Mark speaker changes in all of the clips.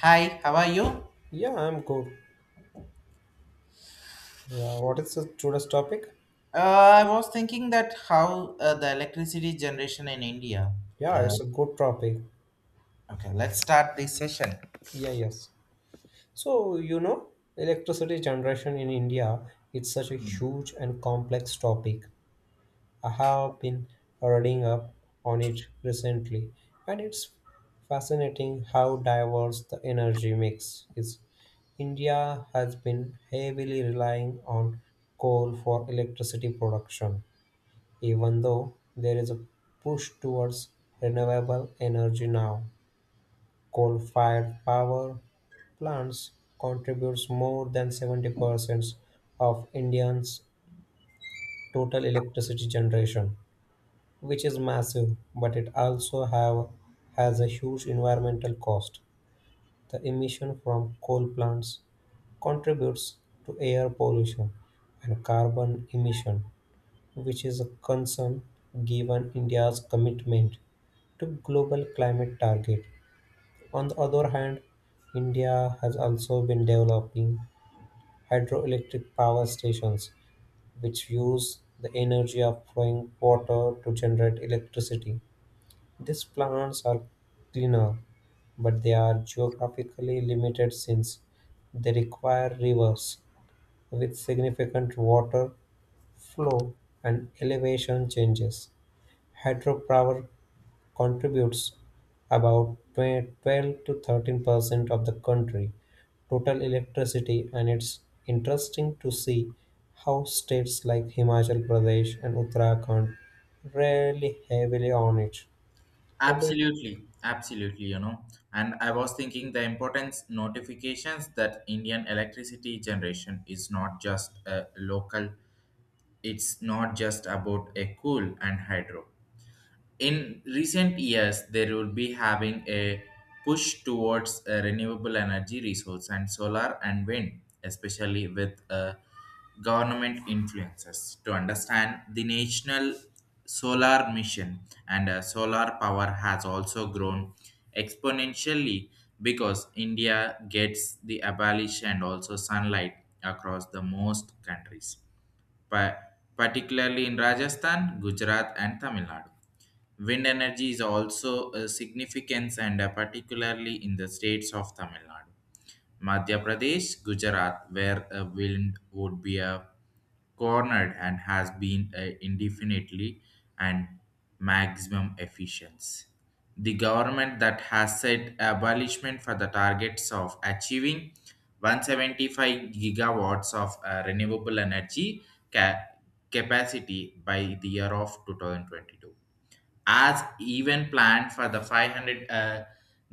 Speaker 1: Hi, how are you?
Speaker 2: Yeah, I'm good. Yeah, what is the today's topic?
Speaker 1: I was thinking that how the electricity generation in India.
Speaker 2: Yeah,
Speaker 1: Uh,
Speaker 2: it's a good topic.
Speaker 1: okay, let's start this session.
Speaker 2: Yeah, yes. So, electricity generation in India, it's such a huge and complex topic. I have been reading up on it recently, and it's fascinating how diverse the energy mix is. India has been heavily relying on coal for electricity production. Even though there is a push towards renewable energy now, coal-fired power plants contributes more than 70% of Indians' total electricity generation, which is massive, but it has a huge environmental cost. The emission from coal plants contributes to air pollution and carbon emission, which is a concern given India's commitment to global climate target. On the other hand, India has also been developing hydroelectric power stations, which use the energy of flowing water to generate electricity. These plants are cleaner, but they are geographically limited since they require rivers with significant water flow and elevation changes. Hydropower contributes about 12 to 13% of the country total electricity, and it's interesting to see how states like Himachal Pradesh and Uttarakhand rely heavily on it. What do you?
Speaker 1: Absolutely, absolutely, you know. And I was thinking the importance notifications that Indian electricity generation is not just a local, it's not just about a coal and hydro. In recent years there will be having a push towards renewable energy resource and solar and wind, especially with government influences to understand the national solar mission. And solar power has also grown exponentially because India gets the abolition and also sunlight across the most countries, pa- particularly in Rajasthan, Gujarat, and Tamil Nadu. Wind energy is also a significance, and particularly in the states of Tamil Nadu, Madhya Pradesh, Gujarat, where a wind would be a cornered and has been indefinitely and maximum efficiency. The government that has set abolishment for the targets of achieving 175 gigawatts of renewable energy ca- capacity by the year of 2022, as even planned for the 500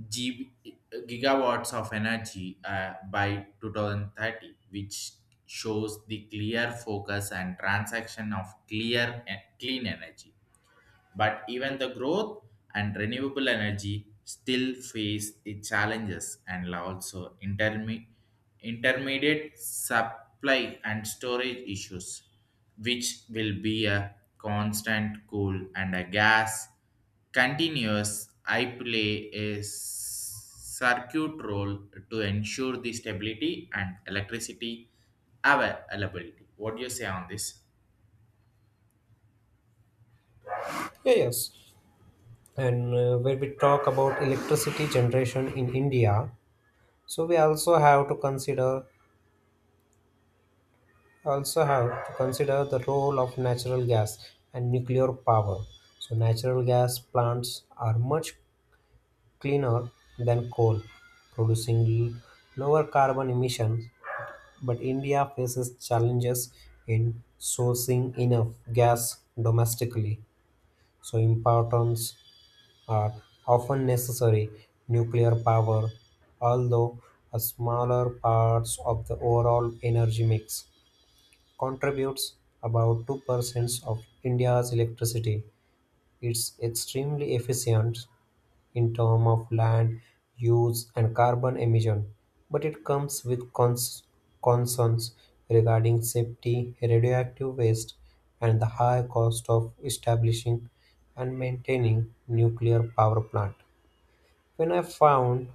Speaker 1: GB, gigawatts of energy by 2030, which shows the clear focus and transaction of clear and clean energy. But even the growth and renewable energy still face the challenges and also intermediate supply and storage issues, which will be a constant coal and a gas continuous I play a circuit role to ensure the stability and electricity availability. What do you say on this?
Speaker 2: Yeah, yes. And when we talk about electricity generation in India, so we also have to consider the role of natural gas and nuclear power. So natural gas plants are much cleaner than coal, producing lower carbon emissions, but India faces challenges in sourcing enough gas domestically. So imports are often necessary. Nuclear power, although a smaller parts of the overall energy mix, contributes about 2% of India's electricity. It's extremely efficient in terms of land use and carbon emission, but it comes with concerns regarding safety, radioactive waste, and the high cost of establishing and maintaining nuclear power plant. When I found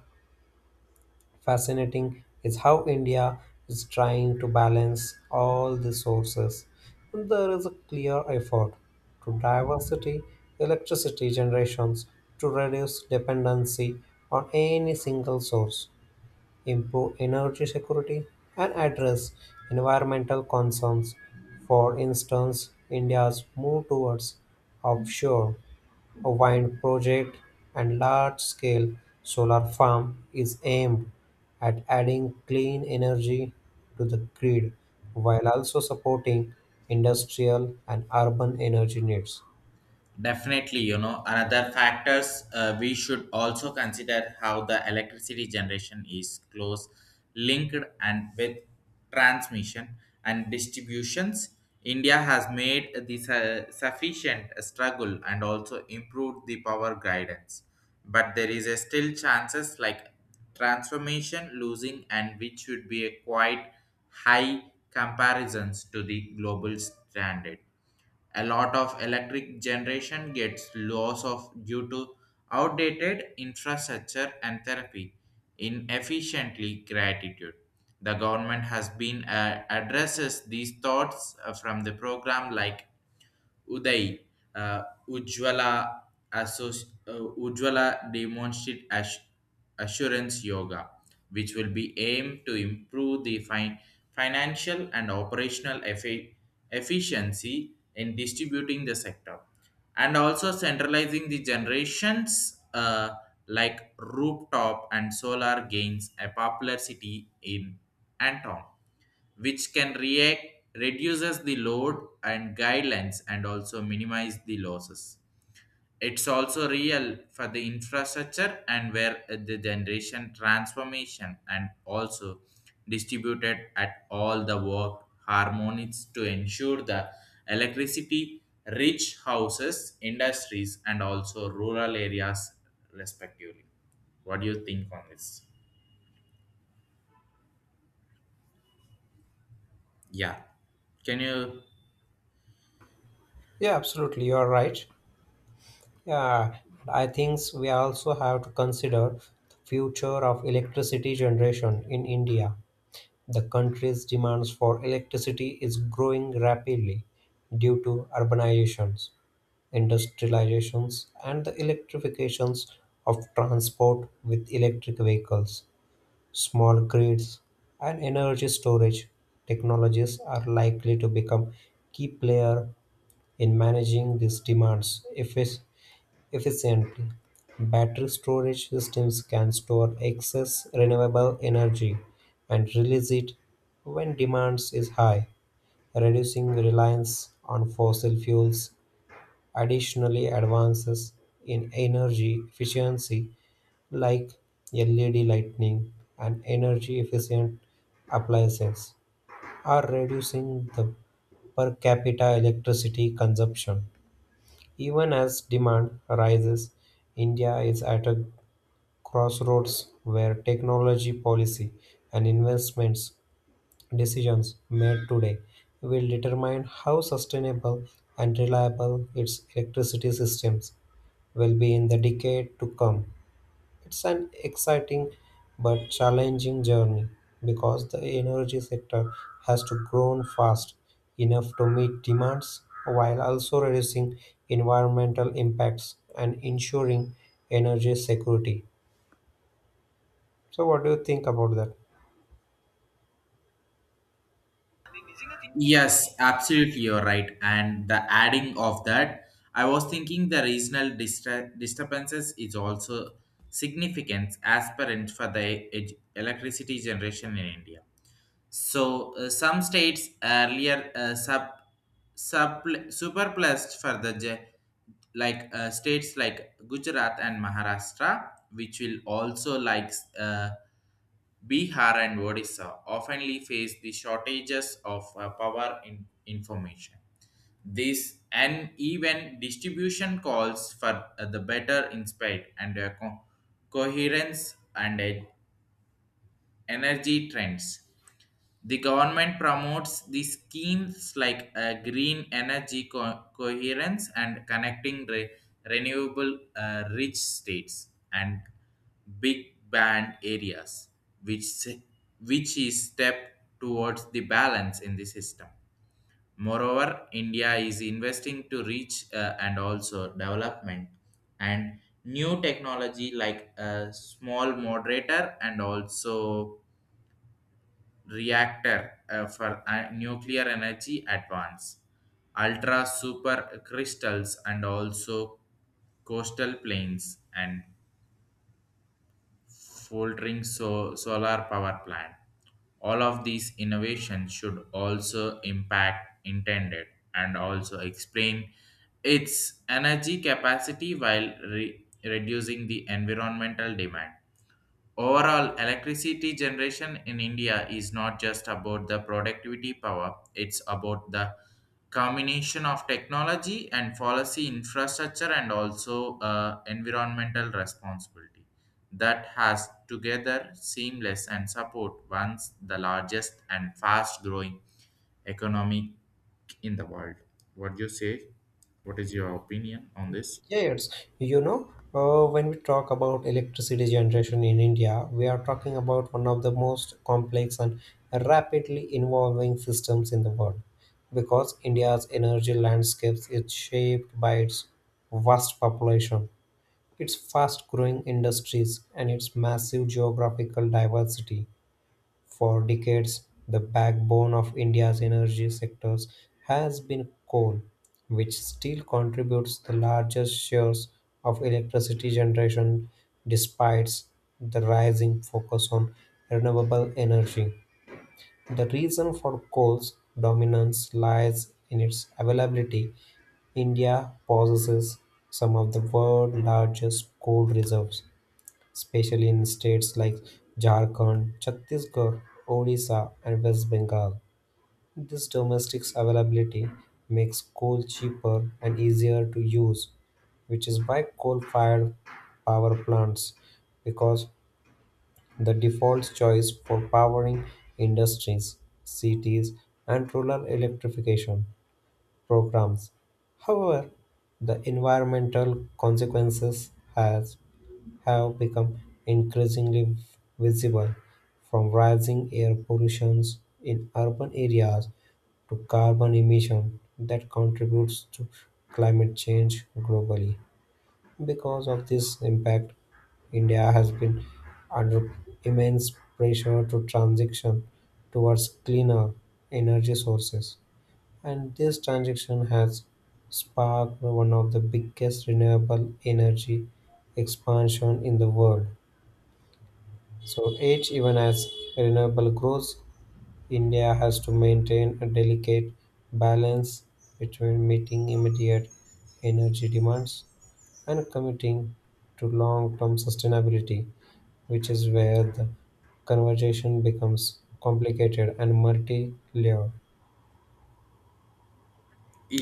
Speaker 2: fascinating is how India is trying to balance all the sources. And there is a clear effort to diversity electricity generations to reduce dependency on any single source, improve energy security, and address environmental concerns. For instance, India's move towards offshore a wind project and large-scale solar farm is aimed at adding clean energy to the grid while also supporting industrial and urban energy needs.
Speaker 1: Definitely, you know, another factors we should also consider how the electricity generation is close linked and with transmission and distributions. India has made this sufficient struggle and also improved the power guidance, but there is a still chances like transformation losing, and which should be a quite high comparisons to the global standard. A lot of electric generation gets loss of due to outdated infrastructure and therapy. Inefficiently gratitude. The government has been addresses these thoughts from the program like Uday, uh, Ujjwala, Ujjwala demonstrate assurance yoga, which will be aimed to improve the financial and operational efficiency in distributing the sector, and also centralizing the generations, like rooftop and solar gains a popular city in Anton, which can react reduces the load and guidelines, and also minimize the losses. It's also real for the infrastructure and where the generation transformation and also distributed at all the work harmonies to ensure the electricity rich houses industries and also rural areas respectively. What do you think on this? Yeah, can you?
Speaker 2: Yeah, absolutely. You are right. Yeah, and I think we also have to consider the future of electricity generation in India. The country's demands for electricity is growing rapidly due to urbanizations industrializations, and the electrifications of transport with electric vehicles, small grids, and energy storage technologies are likely to become key player in managing these demands efficiently. Battery storage systems can store excess renewable energy and release it when demand is high, reducing reliance on fossil fuels. Additionally, advances in energy efficiency like LED lighting and energy-efficient appliances are reducing the per capita electricity consumption. Even as demand rises, India is at a crossroads where technology policy and investments decisions made today will determine how sustainable and reliable its electricity systems will be in the decade to come. It's an exciting but challenging journey because the energy sector has to grow fast enough to meet demands while also reducing environmental impacts and ensuring energy security. So what do you think about that?
Speaker 1: Yes, absolutely, you're right. And the adding of that, I was thinking the regional disturbances is also significant as parent for the electricity generation in India. So some states earlier sub superplussed for the like states like Gujarat and Maharashtra, which will also like. Uh, Bihar and Odisha oftenly face the shortages of power in information. This uneven distribution calls for the better insight and coherence and energy trends. The government promotes the schemes like green energy coherence and connecting renewable rich states and big band areas, which, which is step towards the balance in the system. Moreover, India is investing to reach and also development and new technology like a small moderator and also reactor for nuclear energy advance, ultra super crystals, and also coastal plains, and folding solar power plant. All of these innovations should also impact intended and also explain its energy capacity while reducing the environmental demand. Overall, electricity generation in India is not just about the productivity power, it's about the combination of technology and policy infrastructure and also environmental responsibility that has together seamless and support once the largest and fast growing economy in the world. What do you say? What is your opinion on this?
Speaker 2: Yes, when we talk about electricity generation in India, we are talking about one of the most complex and rapidly evolving systems in the world because India's energy landscapes is shaped by its vast population, its fast growing industries, and its massive geographical diversity. For decades, the backbone of India's energy sectors has been coal, which still contributes the largest shares of electricity generation despite the rising focus on renewable energy. The reason for coal's dominance lies in its availability. India possesses some of the world's largest coal reserves, especially in states like Jharkhand, Chhattisgarh, Odisha, and West Bengal. This domestic availability makes coal cheaper and easier to use, which is why coal fired power plants because the default choice for powering industries, cities, and rural electrification programs. However, the environmental consequences has have become increasingly visible, from rising air pollution in urban areas to carbon emission that contributes to climate change globally. Because of this impact, India has been under immense pressure to transition towards cleaner energy sources. And this transition has sparked one of the biggest renewable energy expansion in the world, even as renewable grows, India has to maintain a delicate balance between meeting immediate energy demands and committing to long-term sustainability, which is where the conversation becomes complicated and multi-layered.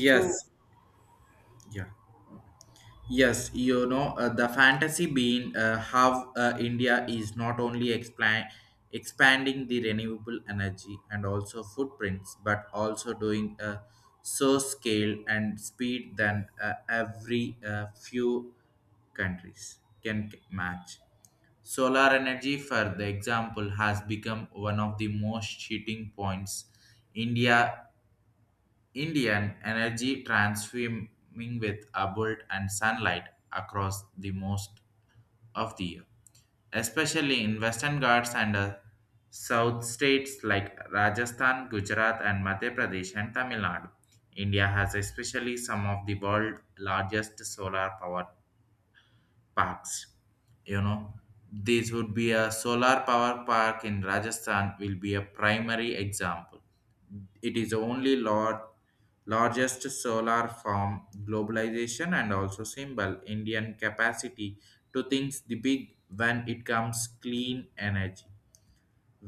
Speaker 2: So
Speaker 1: Yeah. Yes, you know, the fantasy being how India is not only expanding the renewable energy and also footprints, but also doing a so scale and speed than every few countries can match. Solar energy, for the example, has become one of the most cheating points. India Indian energy transforming with abundant and sunlight across the most of the year, especially in Western Ghats and South states like Rajasthan, Gujarat, and Madhya Pradesh and Tamil Nadu. India has especially some of the world's largest solar power parks. You know, this would be a solar power park in Rajasthan will be a primary example. It is only largest solar farm globalization and also symbol Indian capacity to think the big when it comes clean energy.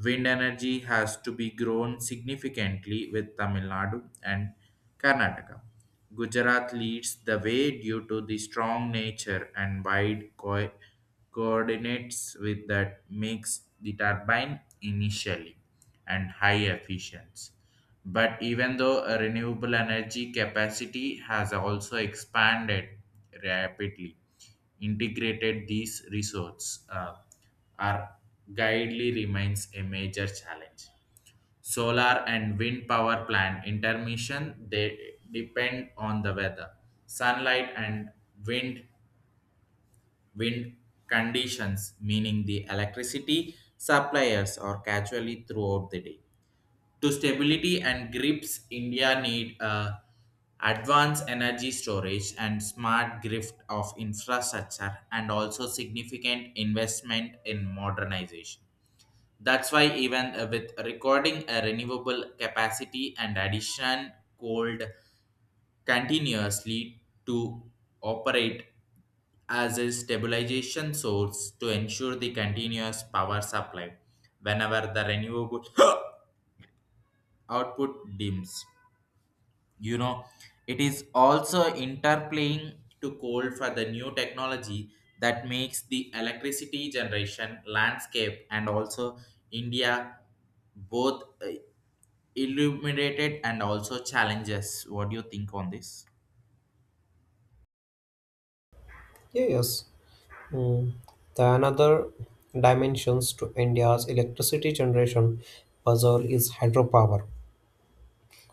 Speaker 1: Wind energy has to be grown significantly with Tamil Nadu and Karnataka. Gujarat leads the way due to the strong nature and wide coordinates with that makes the turbine initially and high efficiency. But even though a renewable energy capacity has also expanded rapidly, integrated these resources are guidely remains a major challenge. Solar and wind power plant intermission they depend on the weather, sunlight and wind wind conditions, meaning the electricity suppliers are casually throughout the day to stability and grips. India need advanced energy storage and smart grid of infrastructure, and also significant investment in modernization. That's why even with recording a renewable capacity and addition, cold continuously to operate as a stabilization source to ensure the continuous power supply whenever the renewable output dims. You know, it is also interplaying to coal for the new technology that makes the electricity generation landscape and also India both illuminated and also challenges. What do you think on this?
Speaker 2: yeah, yes, mm. The another dimensions to India's electricity generation puzzle is hydropower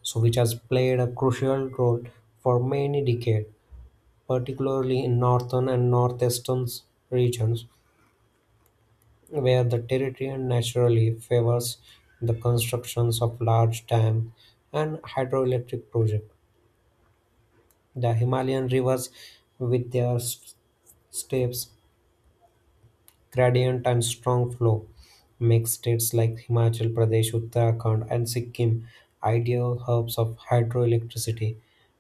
Speaker 2: so which has played a crucial role for many decades, particularly in northern and northeastern regions, where the territory naturally favors the constructions of large dams and hydroelectric projects. The Himalayan rivers, with their steppes gradient and strong flow make states like Himachal Pradesh, Uttarakhand, and Sikkim ideal hubs of hydroelectricity.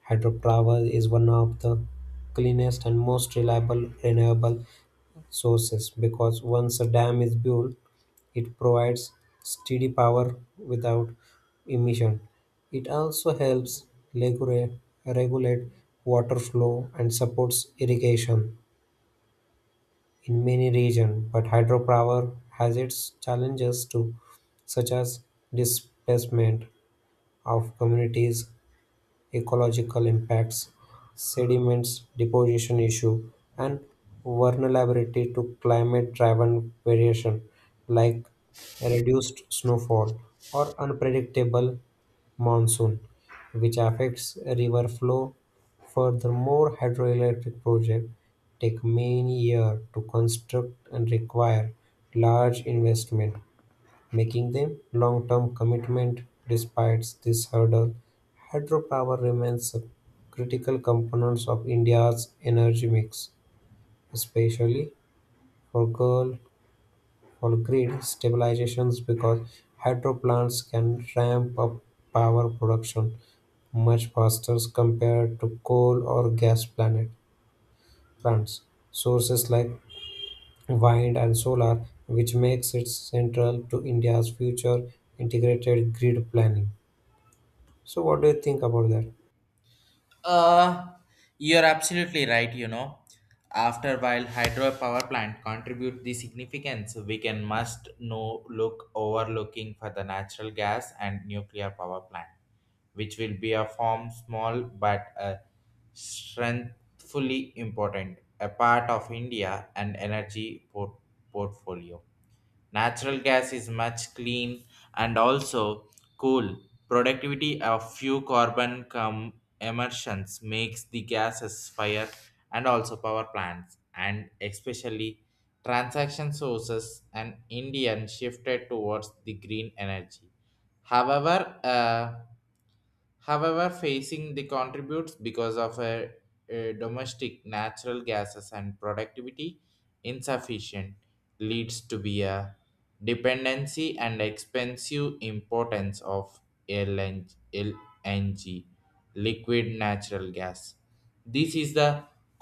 Speaker 2: Hydropower is one of the cleanest and most reliable renewable sources because once a dam is built, it provides steady power without emission. It also helps regula- regulate water flow and supports irrigation in many regions, but hydropower has its challenges too, such as displacement of communities, ecological impacts, sediments deposition issue, and vulnerability to climate-driven variation like reduced snowfall or unpredictable monsoon, which affects river flow. Furthermore, hydroelectric projects take many years to construct and require large investment making them long-term commitment despite this hurdle. Hydropower remains a critical component of India's energy mix, especially for girl for grid stabilizations because hydro plants can ramp up power production much faster compared to coal or gas planet plants. Sources like wind and solar, which makes it central to India's future integrated grid planning. So, what do you think about that?
Speaker 1: Uh, you're absolutely right, you know. After while hydropower plant contribute the significance, we can must no look overlooking for the natural gas and nuclear power plant, which will be a form small but a strengthfully important, a part of India and energy portfolio. Natural gas is much clean and also cool. Productivity of few carbon emissions makes the gases fire and also power plants, and especially transaction sources, and Indian shifted towards the green energy. However, uh, However facing the contributes because of a domestic natural gases and productivity insufficient leads to be a dependency and expensive importance of LNG, liquid natural gas. This is the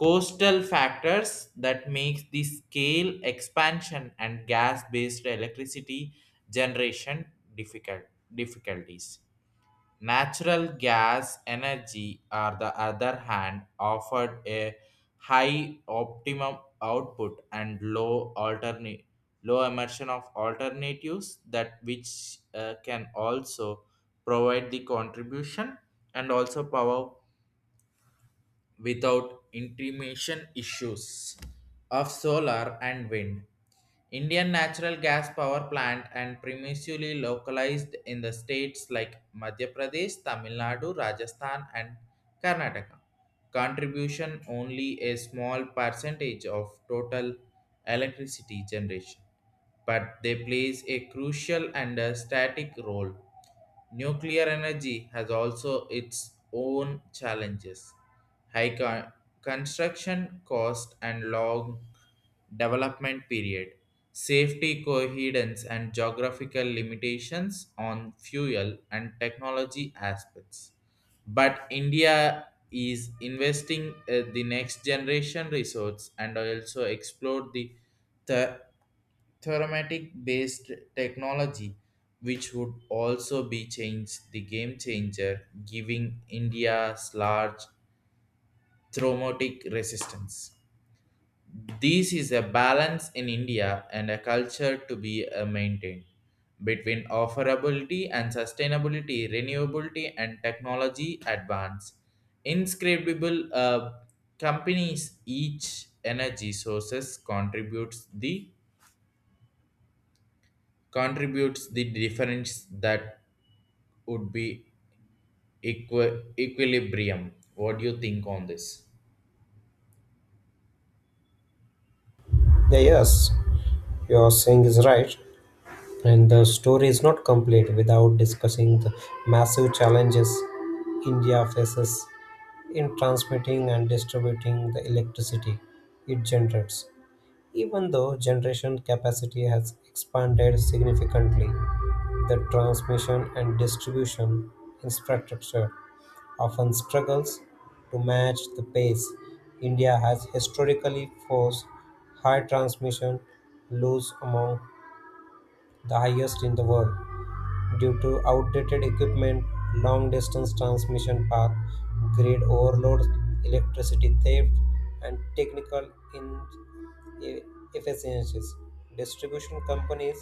Speaker 1: coastal factors that makes the scale expansion and gas based electricity generation difficult difficulties. Natural gas energy, on the other hand, offered a high optimum output and low alternate low emission of alternatives that which can also provide the contribution and also power without intimation issues of solar and wind. Indian natural gas power plant and previously localized in the states like Madhya Pradesh, Tamil Nadu, Rajasthan, and Karnataka. Contribution only a small percentage of total electricity generation, but they plays a crucial and a static role. Nuclear energy has also its own challenges: high construction cost and long development period, safety coherence, and geographical limitations on fuel and technology aspects. But India is investing the next generation resource and also explore the thermatic based technology, which would also be changed the game changer giving India's large traumatic resistance. This is a balance in India and a culture to be maintained between offerability and sustainability, renewability and technology advance. Inscribable companies each energy sources contributes the difference that would be equilibrium. What do you think on this?
Speaker 2: Yeah, yes, your saying is right, and the story is not complete without discussing the massive challenges India faces in transmitting and distributing the electricity it generates. Even though generation capacity has expanded significantly, the transmission and distribution infrastructure often struggles to match the pace. India has historically forced high transmission loads among the highest in the world due to outdated equipment, long distance transmission path, grid overloads, electricity theft, and technical e- efficiencies. Distribution companies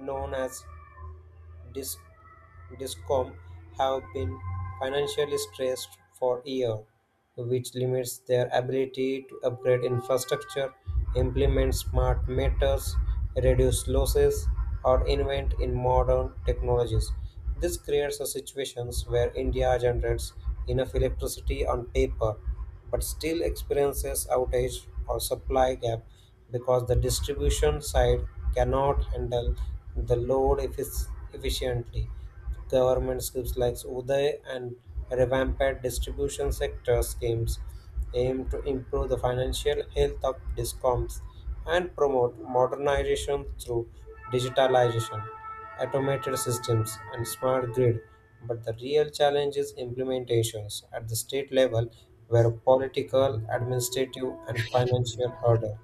Speaker 2: known as DIS Discom have been financially stressed for years, which limits their ability to upgrade infrastructure, implement smart meters, reduce losses, or invent in modern technologies. This creates a situations where India generates enough electricity on paper but still experiences outage or supply gap because the distribution side cannot handle the load efficiently. Government schemes like Uday and revamped distribution sector schemes aim to improve the financial health of discoms and promote modernization through digitalization, automated systems, and smart grid. But the real challenge is implementations at the state level where political, administrative, and financial hurdles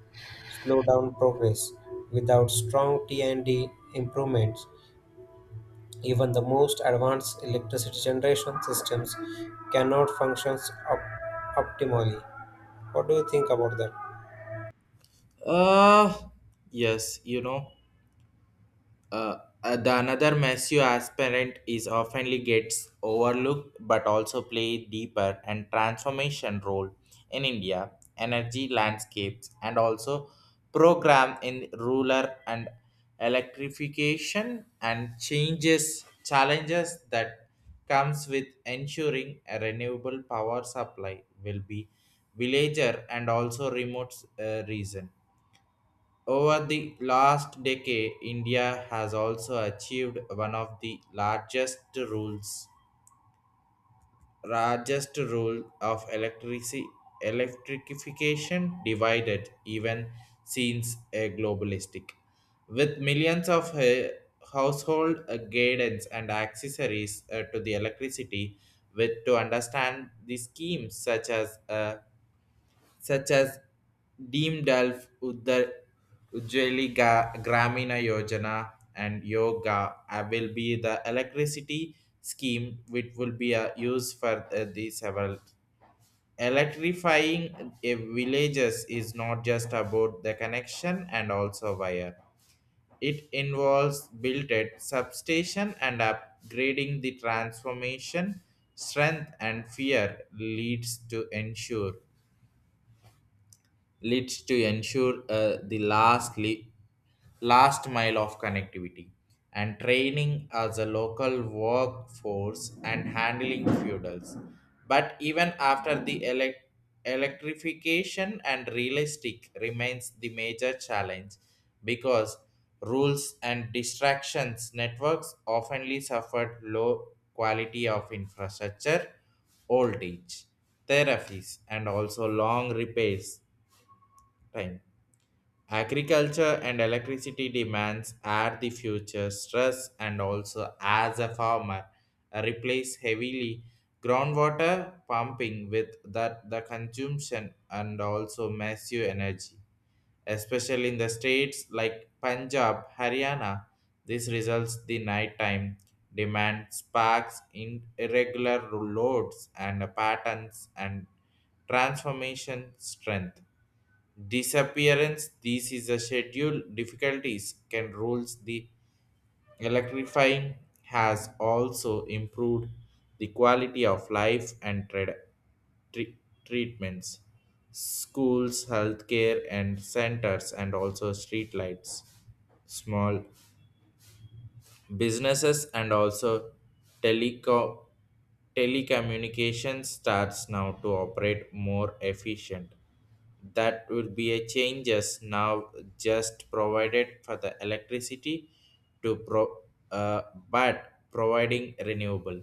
Speaker 2: slow down progress without strong T&D improvements. Even the most advanced electricity generation systems cannot function optimally. What do you think about that?
Speaker 1: Uh, yes, you know. uh, the another massive aspirant is oftenly gets overlooked but also play deeper and transformation role in India energy landscapes and also program in rural and electrification and changes challenges that comes with ensuring a renewable power supply will be villager and also remote region. Over the last decade, India has also achieved one of the largest rule of electricity electrification divided even since a globalistic, with millions of household guidance and accessories to the electricity, with to understand the schemes such as Deemdalf Uddar Ujjali Gramina Yojana and Yoga will be the electricity scheme which will be used for the several. Electrifying a villages is not just about the connection and also wire. It involves built substation and upgrading the transformation strength and fear leads to ensure the last mile of connectivity and training as a local workforce and handling feudals. But even after the electrification and realistic remains the major challenge, because rules and distractions networks oftenly suffered low quality of infrastructure, old age, therapies, and also long repairs time. Agriculture and electricity demands are the future stress, and also as a farmer replace heavily groundwater pumping with that the consumption and also massive energy, especially in the states like Punjab, Haryana. This results the nighttime demand sparks in irregular loads and patterns and transformation strength disappearance. This is a schedule difficulties can rules the electrifying. Has also improved the quality of life and trade, tre- treatments, schools, healthcare and centers, and also streetlights. Small businesses and also teleco- telecommunication starts now to operate more efficient. That will be a changes now just provided for the electricity to pro uh, but providing renewable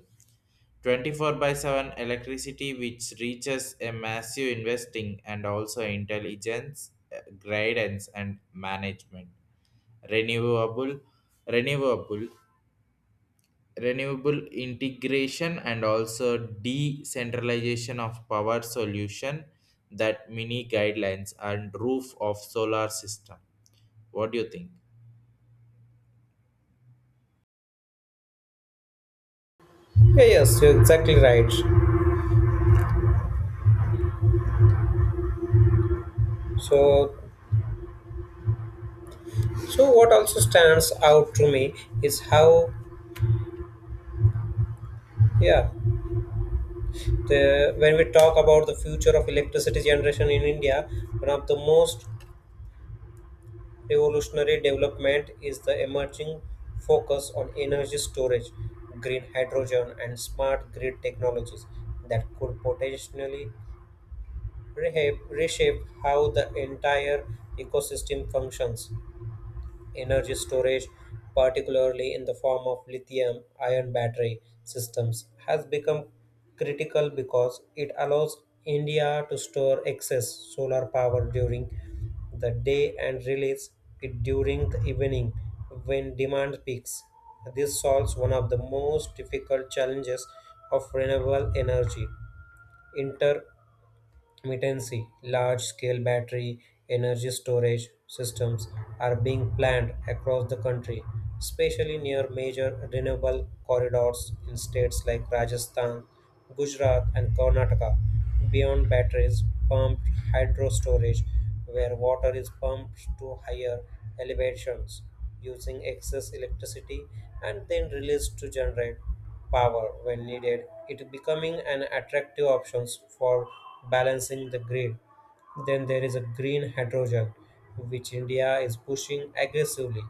Speaker 1: 24 by 7 electricity, which reaches a massive investing and also intelligence guidance and management, renewable renewable renewable integration and also decentralization of power solution, that mini guidelines and roof of solar system. What do you think?
Speaker 2: Yeah, yes, you're exactly right. So, so what also stands out to me is how, yeah, the when we talk about the future of electricity generation in India, one of the most revolutionary development is the emerging focus on energy storage, green hydrogen, and smart grid technologies that could potentially reshape how the entire ecosystem functions. Energy storage, particularly in the form of lithium ion battery systems, has become critical because it allows India to store excess solar power during the day and release it during the evening when demand peaks. This solves one of the most difficult challenges of renewable energy inter Mittensi. Large scale battery energy storage systems are being planned across the country, especially near major renewable corridors in states like Rajasthan, Gujarat, and Karnataka. Beyond batteries, pumped hydro storage, where water is pumped to higher elevations using excess electricity and then released to generate power when needed, it becoming an attractive option for balancing the grid. Then there is a green hydrogen, which India is pushing aggressively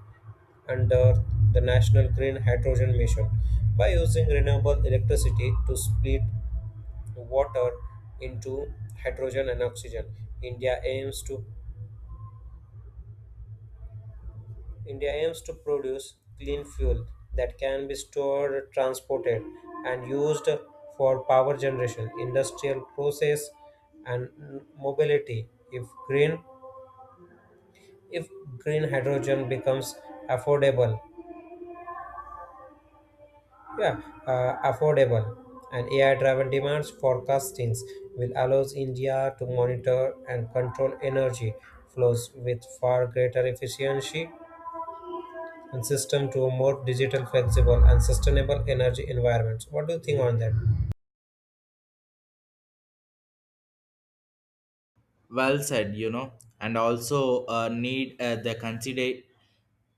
Speaker 2: under the National Green Hydrogen Mission by using renewable electricity to split water into hydrogen and oxygen. India aims to India aims to produce clean fuel that can be stored, transported, and used for power generation, industrial process, and mobility. If green hydrogen becomes affordable, yeah, affordable, and AI-driven demands forecastings will allows India to monitor and control energy flows with far greater efficiency and system to a more digital, flexible, and sustainable energy environments. What do you think on that?
Speaker 1: Well said, you know. And also need the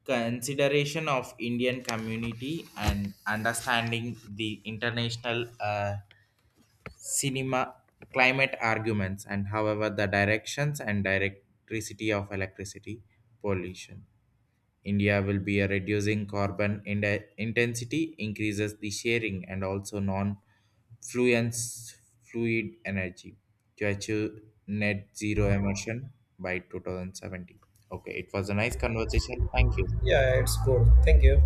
Speaker 1: consideration of Indian community and understanding the international cinema climate arguments, and however the directions and direct electricity of electricity pollution. India will be a reducing carbon intensity, increases the sharing, and also non fluence fluid energy to achieve net zero emission by 2070. Okay, it was a nice conversation. Thank you.
Speaker 2: Yeah, it's good. Thank you.